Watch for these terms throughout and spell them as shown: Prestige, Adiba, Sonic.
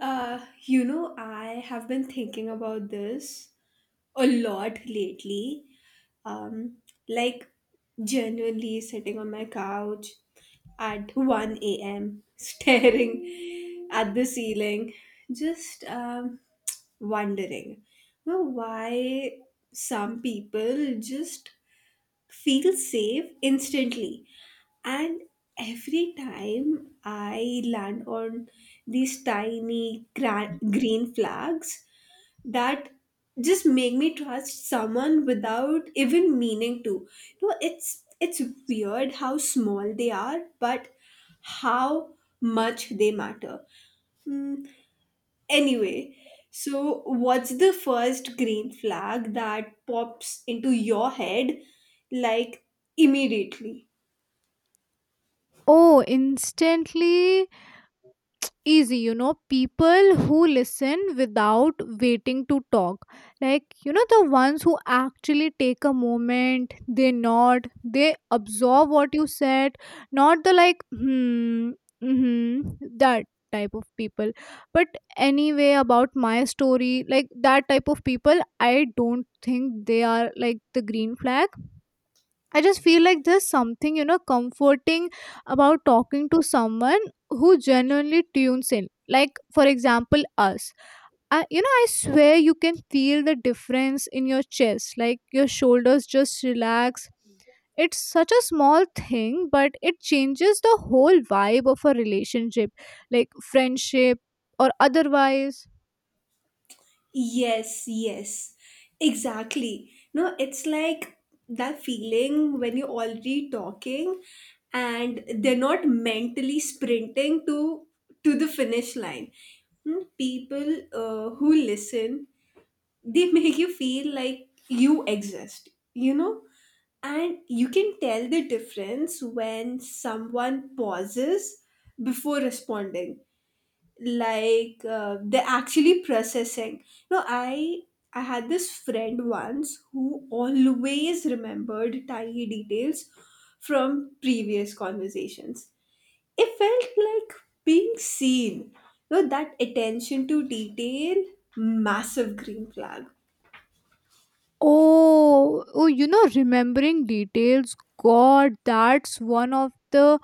I have been thinking about this a lot lately. Um, like genuinely sitting on my couch at 1 a.m., staring at the ceiling, just wondering why some people just feel safe instantly, and every time I land on these tiny green flags that just make me trust someone without even meaning to. You know, it's weird how small they are, but how much they matter. Hmm. Anyway, so what's the first green flag that pops into your head, like, immediately? Oh, instantly easy, you know, people who listen without waiting to talk. Like, you know, the ones who actually take a moment, they nod, they absorb what you said, not the like, hmm, mm-hmm, that type of people. But anyway, about my story, like that type of people, I don't think they are like the green flag. I just feel like there's something, you know, comforting about talking to someone who genuinely tunes in. Like, for example, us. I swear you can feel the difference in your chest. Like, your shoulders just relax. It's such a small thing, but it changes the whole vibe of a relationship, like friendship or otherwise. Yes, yes, exactly. No, it's like that feeling when you're already talking and they're not mentally sprinting to the finish line. Hmm. People who listen, they make you feel like you exist, you know? And you can tell the difference when someone pauses before responding, like they're actually processing. No, I had this friend once who always remembered tiny details from previous conversations. It felt like being seen. No, that attention to detail, massive green flag. Oh, you know, remembering details. God, that's one of the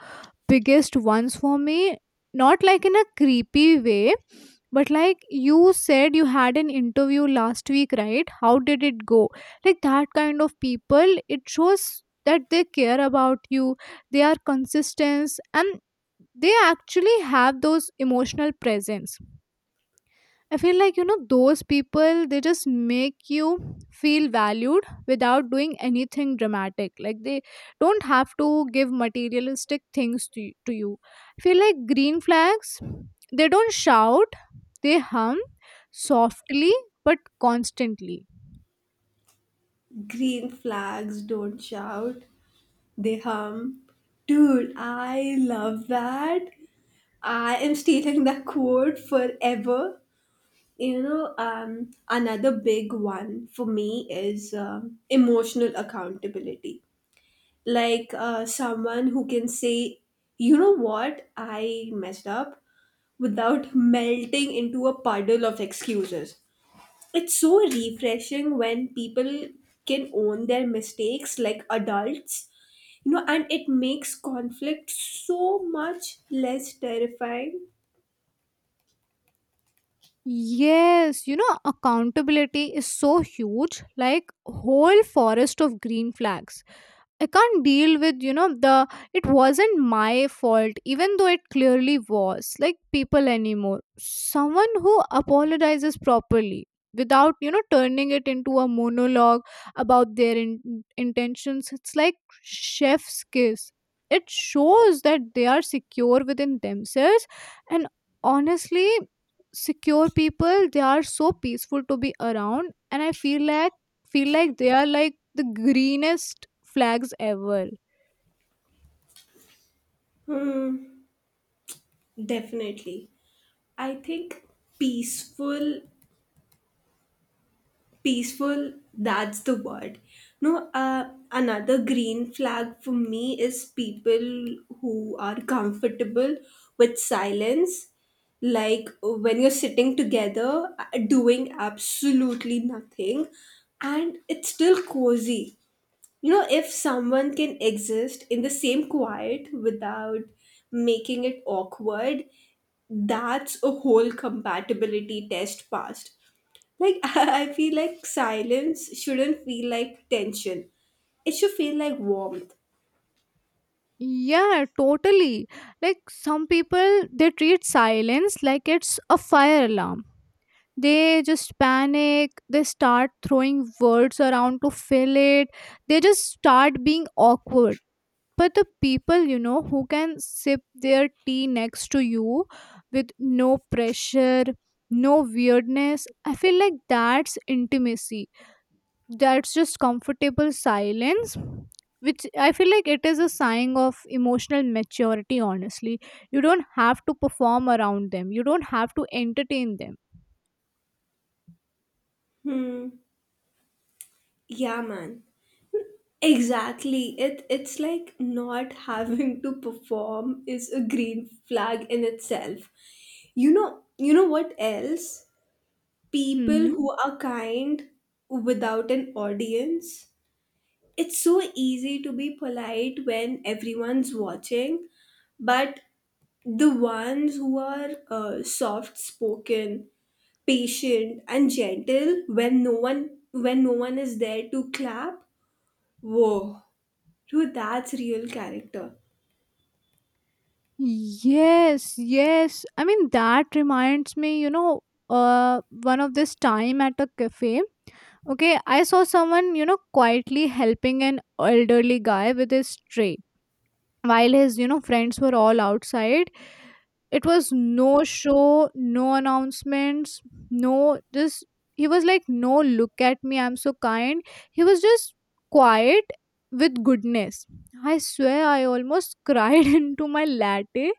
biggest ones for me, not like in a creepy way, but like, you said you had an interview last week, right? How did it go? Like that kind of people, it shows that they care about you, they are consistent, and they actually have those emotional presence. I feel like, you know, those people, they just make you feel valued without doing anything dramatic. Like, they don't have to give materialistic things to, to you. I feel like green flags, they don't shout, they hum softly but constantly. Green flags don't shout, they hum. Dude, I love that. I am stealing that quote forever. You know, another big one for me is emotional accountability. Like, someone who can say, you know what, I messed up, without melting into a puddle of excuses. It's so refreshing when people can own their mistakes like adults, you know, and it makes conflict so much less terrifying. Yes, you know, accountability is so huge, like whole forest of green flags. I can't deal with, you know, the it wasn't my fault, even though it clearly was, like people anymore. Someone who apologizes properly without, you know, turning it into a monologue about their intentions, it's like chef's kiss. It shows that they are secure within themselves, and honestly secure people, they are so peaceful to be around, and I feel like they are like the greenest flags ever. Hmm, definitely. I think peaceful, peaceful, that's the word. No, another green flag for me is people who are comfortable with silence. Like when you're sitting together, doing absolutely nothing, and it's still cozy. You know, if someone can exist in the same quiet without making it awkward, that's a whole compatibility test passed. Like, I feel like silence shouldn't feel like tension, it should feel like warmth. Yeah, totally. Like some people, they treat silence like it's a fire alarm. They just panic, they start throwing words around to fill it, they just start being awkward. But the people, you know, who can sip their tea next to you with no pressure, no weirdness, I feel like that's intimacy. That's just comfortable silence, which I feel like it is a sign of emotional maturity, honestly. You don't have to perform around them, you don't have to entertain them. Hmm, yeah, man, exactly. It's like not having to perform is a green flag in itself. You know what else? People Hmm. who are kind without an audience. It's so easy to be polite when everyone's watching, but the ones who are soft spoken, patient, and gentle when no one is there to clap, whoa, dude, that's real character. Yes, yes. I mean, that reminds me, you know, one of this time at a cafe. Okay, I saw someone, you know, quietly helping an elderly guy with his tray while his friends were all outside. It was no show, no announcements, no, just he was like, no, look at me, I'm so kind. He was just quiet with goodness. I swear I almost cried into my latte.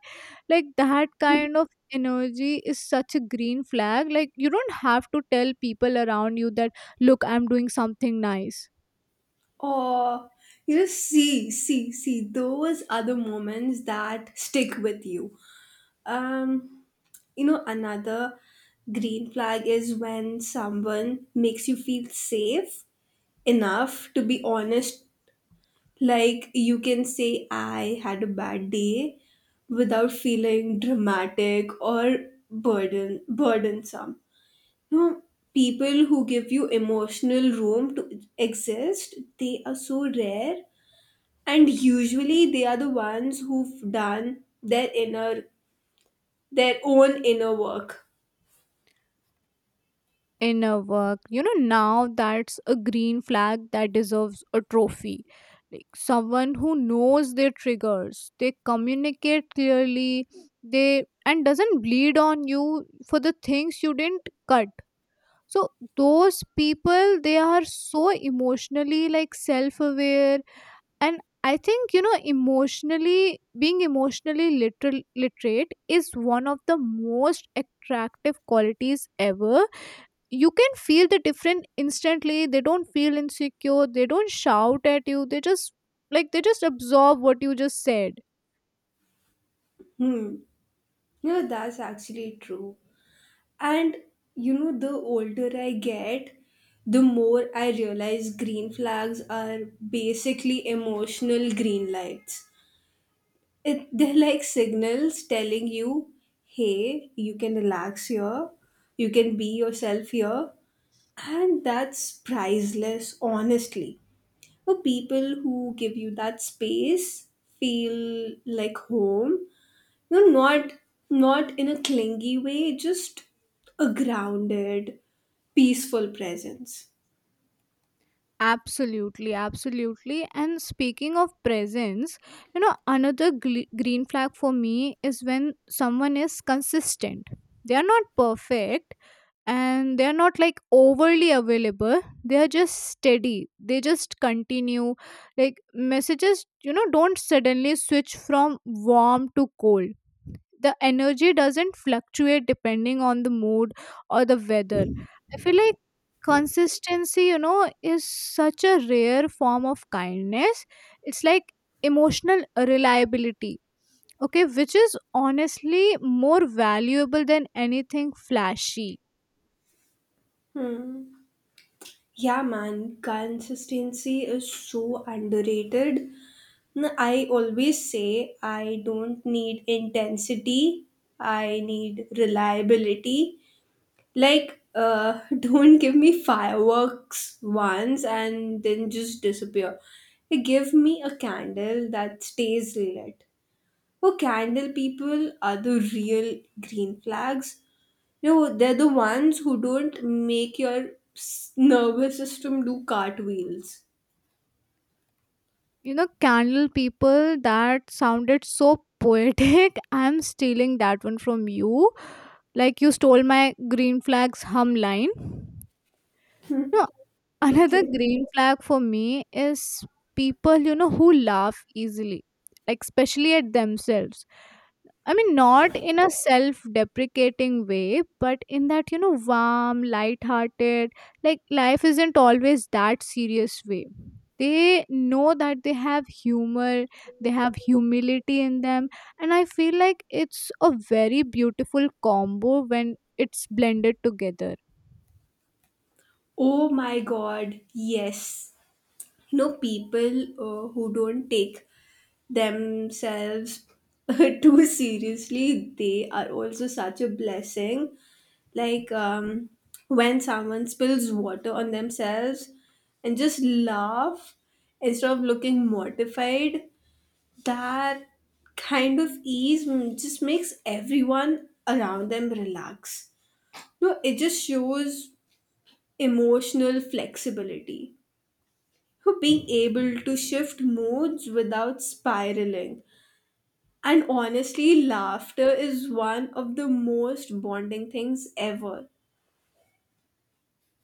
Like that kind of energy is such a green flag, like you don't have to tell people around you that, look, I'm doing something nice. Or, you know, see, those are the moments that stick with you. Um, You know, another green flag is when someone makes you feel safe enough to be honest. Like, you can say, I had a bad day, without feeling dramatic or burdensome. No, people who give you emotional room to exist, they are so rare, and usually they are the ones who've done their own inner work. In a work, you know, now that's a green flag that deserves a trophy. Like someone who knows their triggers, they communicate clearly, they and doesn't bleed on you for the things you didn't cut. So those people, they are so emotionally, like, self aware, and I think, you know, emotionally being emotionally literal literate is one of the most attractive qualities ever. You can feel the difference instantly, they don't feel insecure, they don't shout at you, they just absorb what you just said. Hmm. Yeah, that's actually true. And you know, the older I get, the more I realize green flags are basically emotional green lights. They're like signals telling you, hey, you can relax here, you can be yourself here. And that's priceless, honestly. For people who give you that space, feel like home, no, not not in a clingy way, just a grounded, peaceful presence. Absolutely, and speaking of presence, you know, another green flag for me is when someone is consistent. They are not perfect, and they are not like overly available, they are just steady, they just continue. Like messages, you know, don't suddenly switch from warm to cold. The energy doesn't fluctuate depending on the mood or the weather. I feel like consistency, you know, is such a rare form of kindness. It's like emotional reliability, okay, which is honestly more valuable than anything flashy. Hmm. Yeah, man, consistency is so underrated. I always say I don't need intensity, I need reliability. Like, don't give me fireworks once and then just disappear. Give me a candle that stays lit. For candle people are the real green flags. You know, they're the ones who don't make your nervous system do cartwheels. You know, candle people, that sounded so poetic. I'm stealing that one from you, like you stole my green flags hum line. No, another Okay. green flag for me is people, you know, who laugh easily, like especially at themselves. I mean, not in a self deprecating way, but in that, you know, warm, light hearted, like life isn't always that serious way. They know that they have humor, they have humility in them, and I feel like it's a very beautiful combo when it's blended together. Oh my god, yes. You know, people who don't take themselves too seriously, they are also such a blessing. Like, when someone spills water on themselves and just laugh instead of looking mortified, that kind of ease just makes everyone around them relax. No, it just shows emotional flexibility, who being able to shift moods without spiraling. And honestly, laughter is one of the most bonding things ever.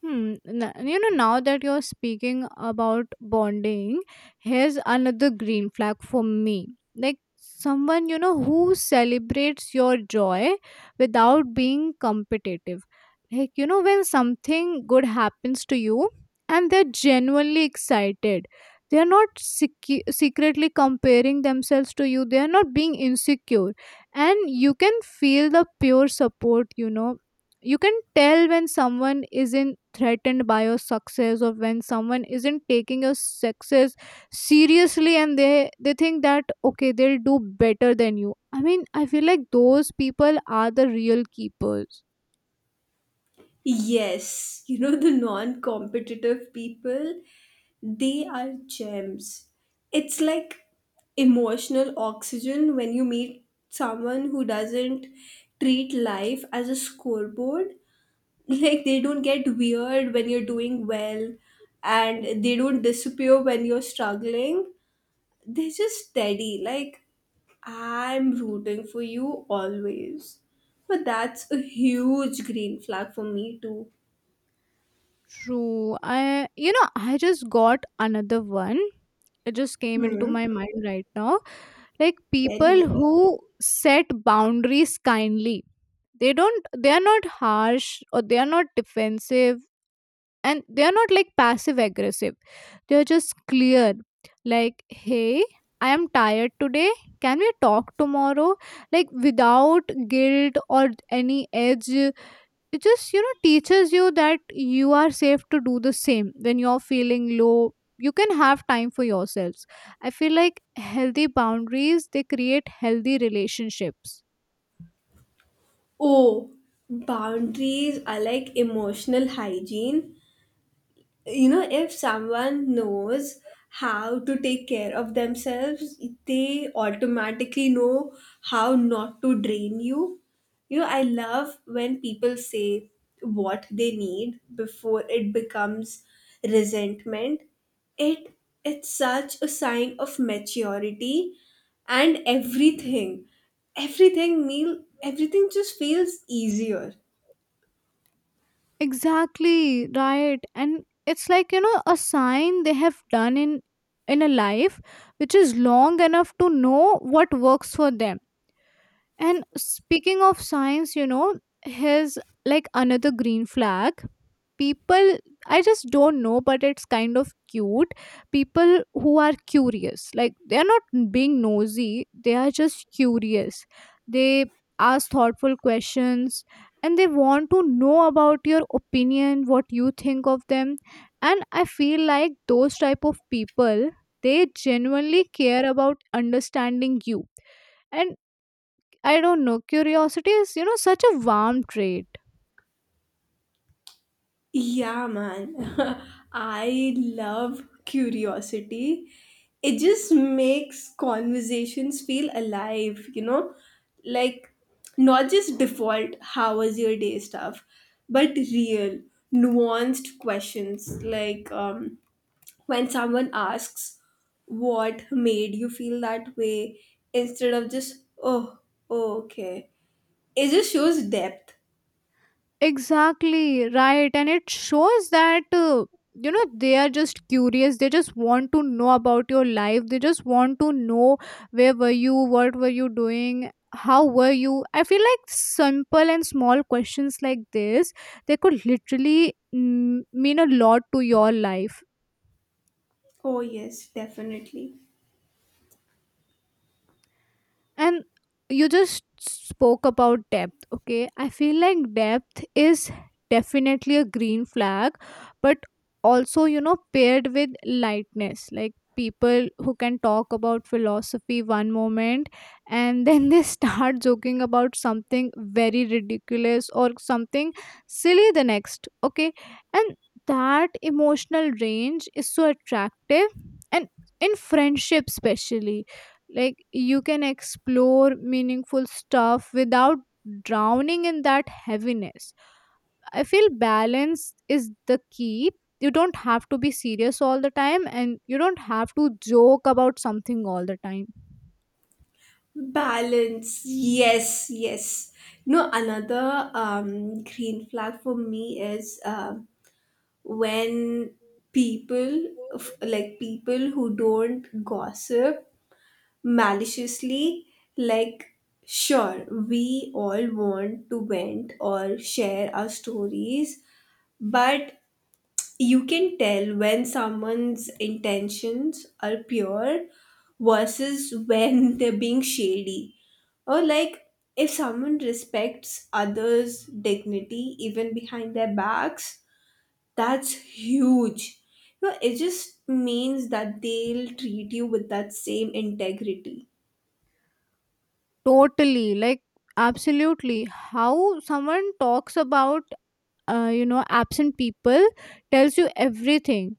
Hmm. You know, now that you're speaking about bonding, here's another green flag for me. Like someone, you know, who celebrates your joy without being competitive. Like, you know, when something good happens to you and they're genuinely excited, they're not secretly comparing themselves to you, they're not being insecure. And you can feel the pure support, you know, you can tell when someone isn't threatened by your success, or when someone isn't taking your success seriously, and they think that, okay, they'll do better than you. I mean, I feel like those people are the real keepers. Yes, you know, the non competitive people, they are gems. It's like emotional oxygen when you meet someone who doesn't treat life as a scoreboard. Like, they don't get weird when you're doing well, and they don't disappear when you're struggling. They're just steady. Like, I'm rooting for you always. But that's a huge green flag for me, too. True. I you know i just got another one, it just came into Hmm. my mind right now. Like Tell me. people who set boundaries kindly, they are not harsh, or they are not defensive, and they are not like passive aggressive, they are just clear. Like, hey, I am tired today, can we talk tomorrow? Like, without guilt or any edge, it just, you know, teaches you that you are safe to do the same when you're feeling low, you can have time for yourselves. I feel like healthy boundaries, they create healthy relationships. Oh, boundaries are like emotional hygiene. You know, if someone knows how to take care of themselves, they automatically know how not to drain you. You know, I love when people say what they need before it becomes resentment. It it's such a sign of maturity, and everything just feels easier. Exactly, right. And it's like, you know, a sign they have done in a life which is long enough to know what works for them. And speaking of signs, you know, here's, like, another green flag. People, I just don't know, but it's kind of cute, people who are curious, like they are not being nosy, they are just curious, they ask thoughtful questions, and they want to know about your opinion, what you think of them. And I feel like those type of people, they genuinely care about understanding you. And I don't know, curiosity is, you know, such a warm trait. Yeah, man. I love curiosity. It just makes conversations feel alive, you know? Like, not just default, how was your day stuff, but real, nuanced questions. Like, when someone asks, what made you feel that way, instead of just, oh okay. It just shows depth. Exactly, right. And it shows that, you know, they are just curious. They just want to know about your life. They just want to know where were you, what were you doing, how were you. I feel like simple and small questions like this, they could literally mean a lot to your life. Oh, yes, definitely. And you just spoke about depth, okay? I feel like depth is definitely a green flag, but also, you know, paired with lightness. Like people who can talk about philosophy one moment and then they start joking about something very ridiculous or something silly the next, okay? And that emotional range is so attractive, and in friendship especially, like you can explore meaningful stuff without drowning in that heaviness. I feel balance is the key. You don't have to be serious all the time, and you don't have to joke about something all the time. Balance. Yes, yes. No, another green flag for me is when like people who don't gossip maliciously, like, sure, we all want to vent or share our stories, but you can tell when someone's intentions are pure versus when they're being shady. Or, like, if someone respects others' dignity even behind their backs, that's huge. You know, it just means that they'll treat you with that same integrity. Totally, like, absolutely. How someone talks about, you know, absent people tells you everything.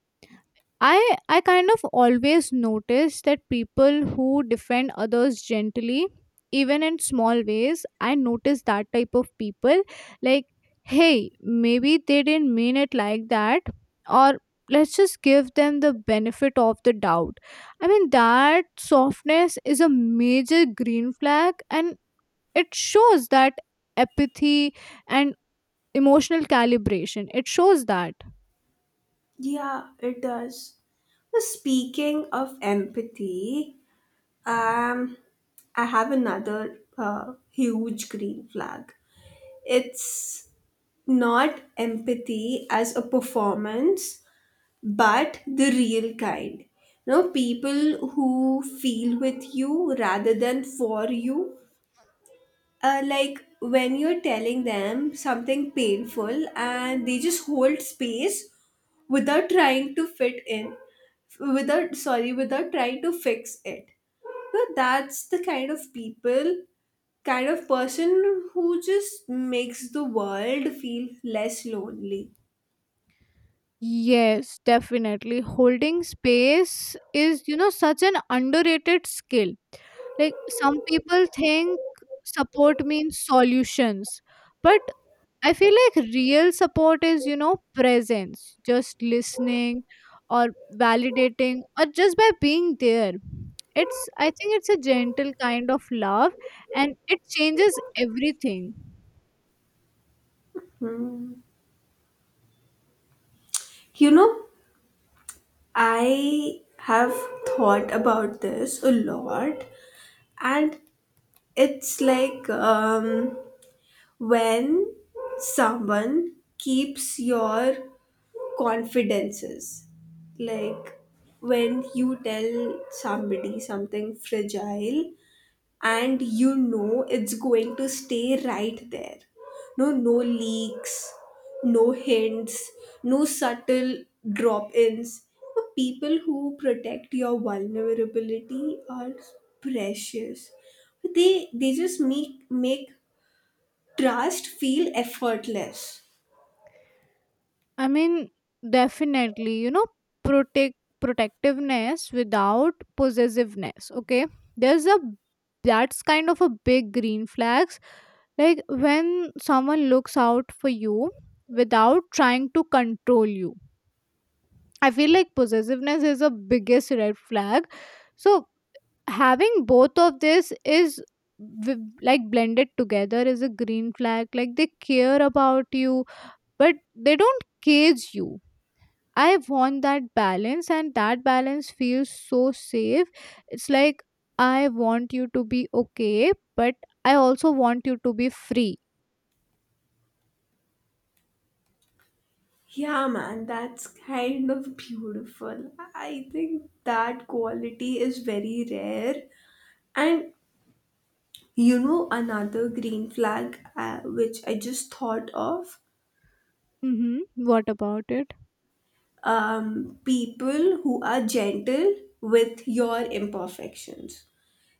I kind of always notice that people who defend others gently, even in small ways, I notice that type of people. Like, hey, maybe they didn't mean it like that, or let's just give them the benefit of the doubt. I mean, that softness is a major green flag, and it shows that apathy and emotional calibration. It shows that. Yeah, it does. Well, speaking of empathy, um, I have another huge green flag. It's not empathy as a performance, but the real kind. You know, people who feel with you rather than for you. Like when you're telling them something painful and they just hold space without trying to fit in, without, sorry, without trying to fix it. So that's the kind of people kind of person who just makes the world feel less lonely. Yes, definitely. Holding space is, you know, such an underrated skill. Like some people think support means solutions, but I feel like real support is, you know, presence, just listening, or validating, or just by being there. I think it's a gentle kind of love, and it changes everything. You know, I have thought about this a lot, and it's like, when someone keeps your confidences, like when you tell somebody something fragile and you know it's going to stay right there. No, no leaks, no hints, no subtle drop ins. People who protect your vulnerability are precious. They just make trust feel effortless. I mean, definitely, you know, protect protectiveness without possessiveness. Okay, there's a that's kind of a big green flags. Like when someone looks out for you without trying to control you. I feel like possessiveness is a biggest red flag. So having both of this is, like, blended together is a green flag. Like they care about you, but they don't cage you. I want that balance, and that balance feels so safe. It's like, I want you to be okay, but I also want you to be free. Yeah, man, that's kind of beautiful. I think that quality is very rare. And you know, another green flag which I just thought of, Mm-hmm. What about it? People who are gentle with your imperfections.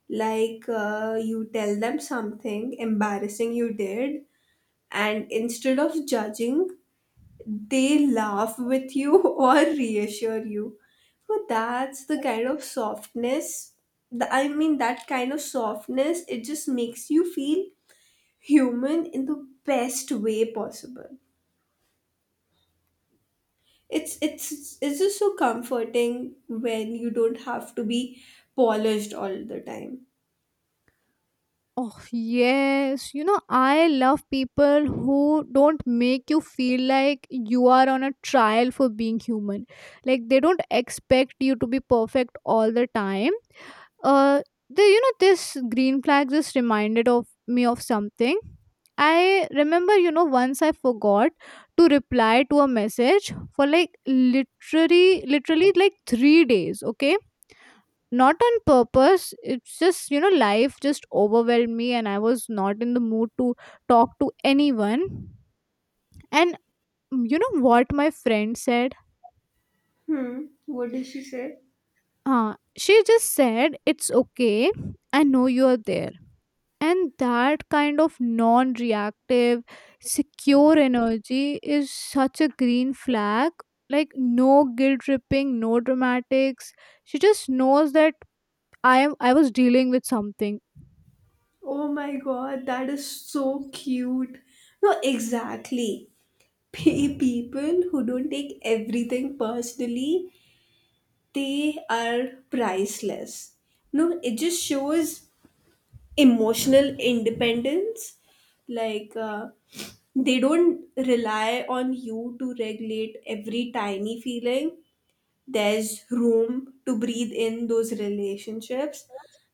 Like, you tell them something embarrassing you did, and instead of judging, they laugh with you or reassure you. So that's the kind of softness. I mean, that kind of softness, it just makes you feel human in the best way possible. It's just so comforting when you don't have to be polished all the time. Oh, yes. You know, I love people who don't make you feel like you are on a trial for being human. Like, they don't expect you to be perfect all the time. Uh the you know This green flag just reminded of me of something. I remember, once I forgot to reply to a message for like literally like 3 days, okay? Not on purpose, it's just, you know, life just overwhelmed me and I was not in the mood to talk to anyone. And you know what my friend said? Hmm, what did she say? uh, she just said, it's okay, I know you're there. And that kind of non reactive, secure energy is such a green flag. Like no guilt tripping, no dramatics. She just knows that I was dealing with something. Oh my god, that is so cute. No, exactly. People who don't take everything personally, they are priceless. No, it just shows emotional independence. Like, they don't rely on you to regulate every tiny feeling. There's room to breathe in those relationships,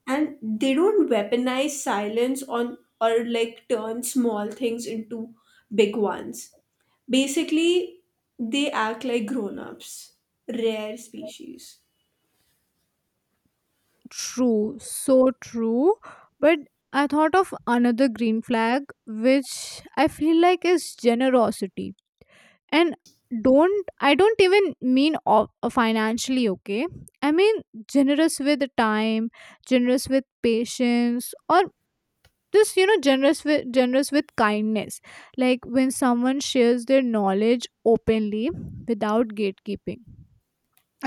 and they don't weaponize silence on or like turn small things into big ones. Basically, they act like grown-ups. Rare species. True. So true. But I thought of another green flag which I feel like is generosity. And don't even mean financially, okay? I mean generous with time, generous with patience, or just, you know, generous with kindness. Like when someone shares their knowledge openly, without gatekeeping.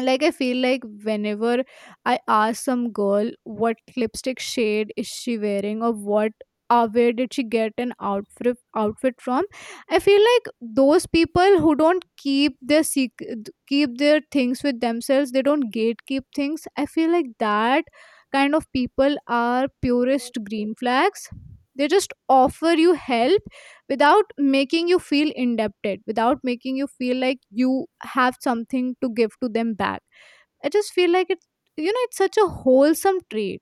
Like I feel like whenever I ask some girl what lipstick shade is she wearing, or what, where did she get an outfit from, I feel like those people who don't keep their things with themselves, they don't gatekeep things. I feel like that kind of people are purest green flags. They just offer you help without making you feel indebted, without making you feel like you have something to give to them back. I just feel like it's, you know, it's such a wholesome trait.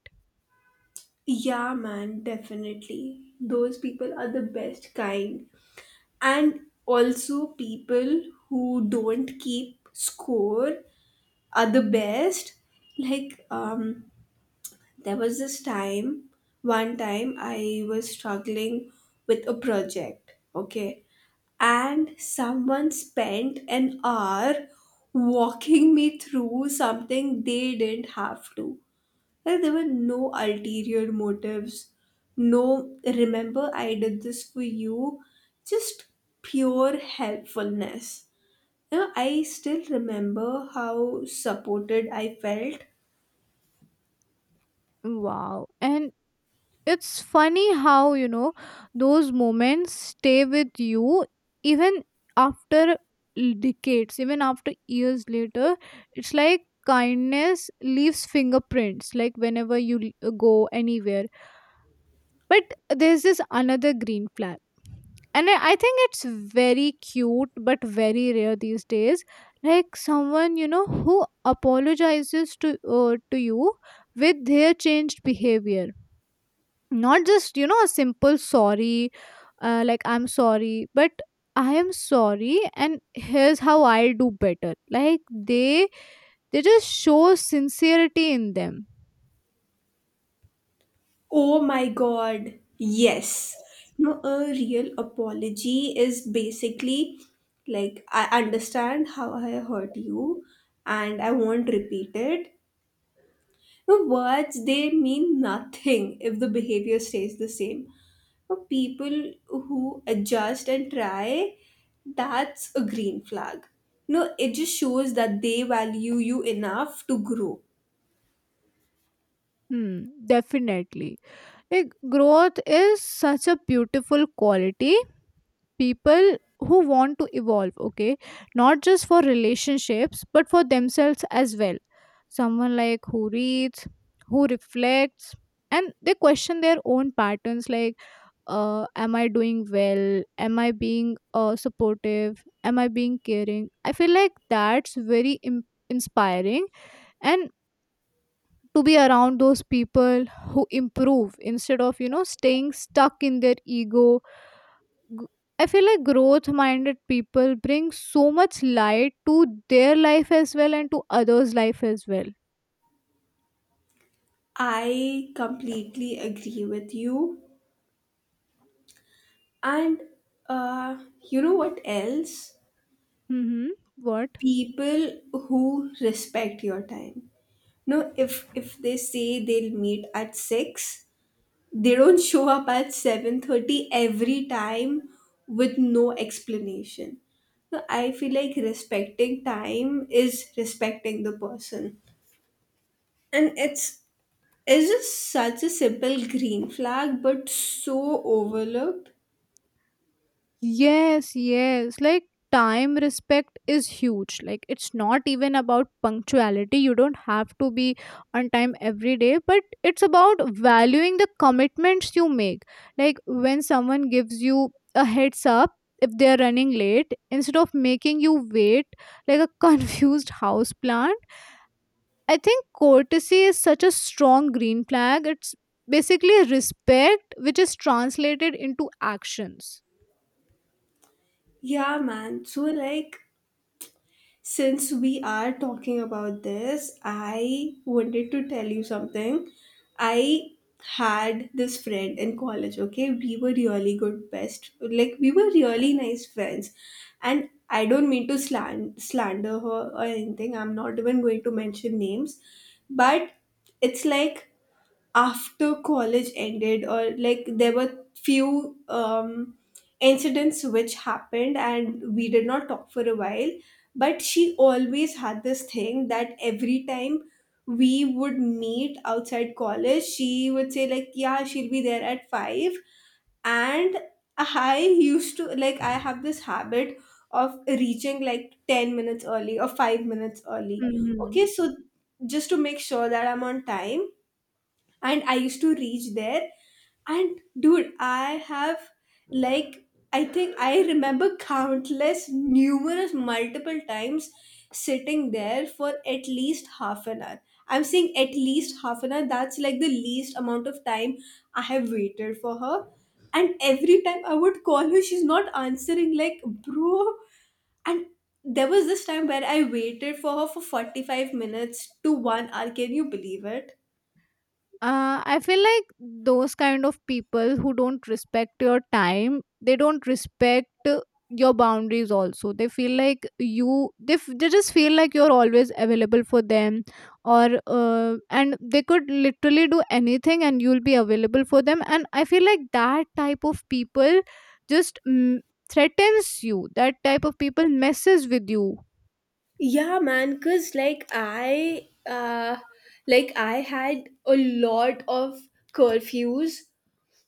Yeah, man, definitely those people are the best kind. And also, people who don't keep score are the best. Like, there was one time I was struggling with a project, okay? And someone spent an hour walking me through something they didn't have to. Like there were no ulterior motives, no, remember I did this for you, just pure helpfulness. You know, I still remember how supported I felt. Wow. And it's funny how, you know, those moments stay with you even after decades, even after years later. It's like kindness leaves fingerprints, like whenever you go anywhere. But there's this another green flag. And I think it's very cute but very rare these days. Like someone, you know, who apologizes to you with their changed behavior. Not just, you know, a simple sorry, like I'm sorry, but I am sorry and here's how I'll do better. Like they they just show sincerity in them. Oh my god, yes. No, a real apology is basically like, I understand how I hurt you and I won't repeat it. The words, they mean nothing if the behavior stays the same. But people who adjust and try, that's a green flag. No, it just shows that they value you enough to grow. Hmm, definitely. Like growth is such a beautiful quality. People who want to evolve, okay, not just for relationships but for themselves as well. Someone like who reads, who reflects, and they question their own patterns like, am I doing well? Am I being supportive? Am I being caring? I feel like that's very inspiring, and to be around those people who improve instead of, you know, staying stuck in their ego. G- I feel like growth minded people bring so much light to their life as well and to others life as well. I completely agree with you. And uh, you know what else? Mhm. What? People who respect your time. No, if they say they'll meet at six, they don't show up at 7:30 every time with no explanation. No, I feel like respecting time is respecting the person, and it's just such a simple green flag, but so overlooked. Yes, yes. Like time respect is huge. Like it's not even about punctuality. You don't have to be on time every day, but it's about valuing the commitments you make. Like when someone gives you a heads up if they're running late instead of making you wait like a confused house plant. I think courtesy is such a strong green flag. It's basically respect which is translated into actions. Yeah, man. So like, since we are talking about this, I wanted to tell you something. I had this friend in college, okay? We were really good best. Like we were really nice friends. And I don't mean to slander her or anything. I'm not even going to mention names. But it's like after college ended, or like there were few incidents which happened and we did not talk for a while. But she always had this thing, that every time we would meet outside college she would say like, yeah, she'll be there at 5, and I used to like, I have this habit of reaching like 10 minutes early or 5 minutes early, Mhm. okay? So just to make sure that I'm on time. And I used to reach there, and dude, I have like, I think I remember countless numerous multiple times sitting there for at least half an hour. I'm saying at least half an hour, that's like the least amount of time I have waited for her. And every time I would call her, she's not answering, like, bro. And there was this time where I waited for her for 45 minutes to 1 hour, can you believe it? I feel like those kind of people who don't respect your time, they don't respect your boundaries also. They feel like they just feel like you're always available for them, or and they could literally do anything and you'll be available for them. And I feel like that type of people just threatens you, that type of people messes with you. Yeah, man, cause like I had a lot of curfews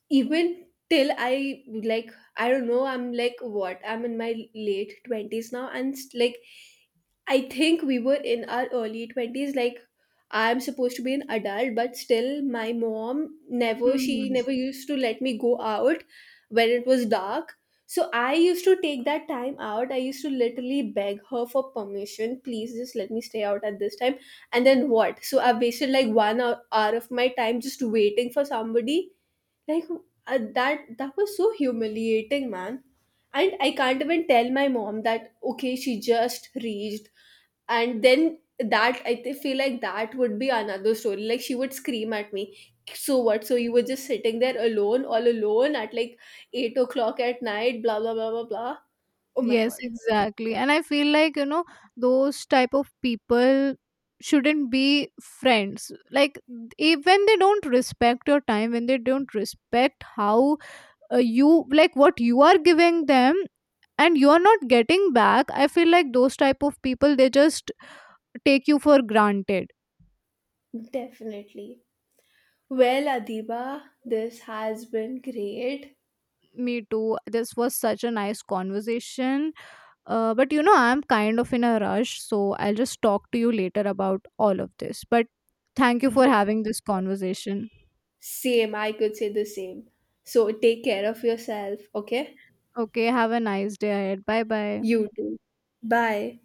even till I like, I don't know, I'm like what, I'm in my late 20s now and like I think we were in our early 20s, like I'm supposed to be an adult but still my mom never, she Hmm. never used to let me go out when it was dark. So I used to take that time out, I used to literally beg her for permission, please just let me stay out at this time. And then what, so I wasted like hour of my time just waiting for somebody, like, that was so humiliating, man. And I can't even tell my mom that, okay, she just reached. And then that I feel like that would be another story. Like she would scream at me, so what? So you were just sitting there alone, all alone at like 8 o'clock at night, blah blah blah blah blah. Oh my Yes, god. exactly. And I feel like, you know, those type of people shouldn't be friends. Like when they don't respect your time, when they don't respect how, you like what you are giving them and you are not getting back, I feel like those type of people they just take you for granted. Definitely. Well, Adiba, this has been great. Me too. This was such a nice conversation. But you know, I'm kind of in a rush, so I'll just talk to you later about all of this. But thank you for Yeah. having this conversation. Same, I could say the same. So take care of yourself, okay? Okay, have a nice day ahead. Bye bye. You too. Bye.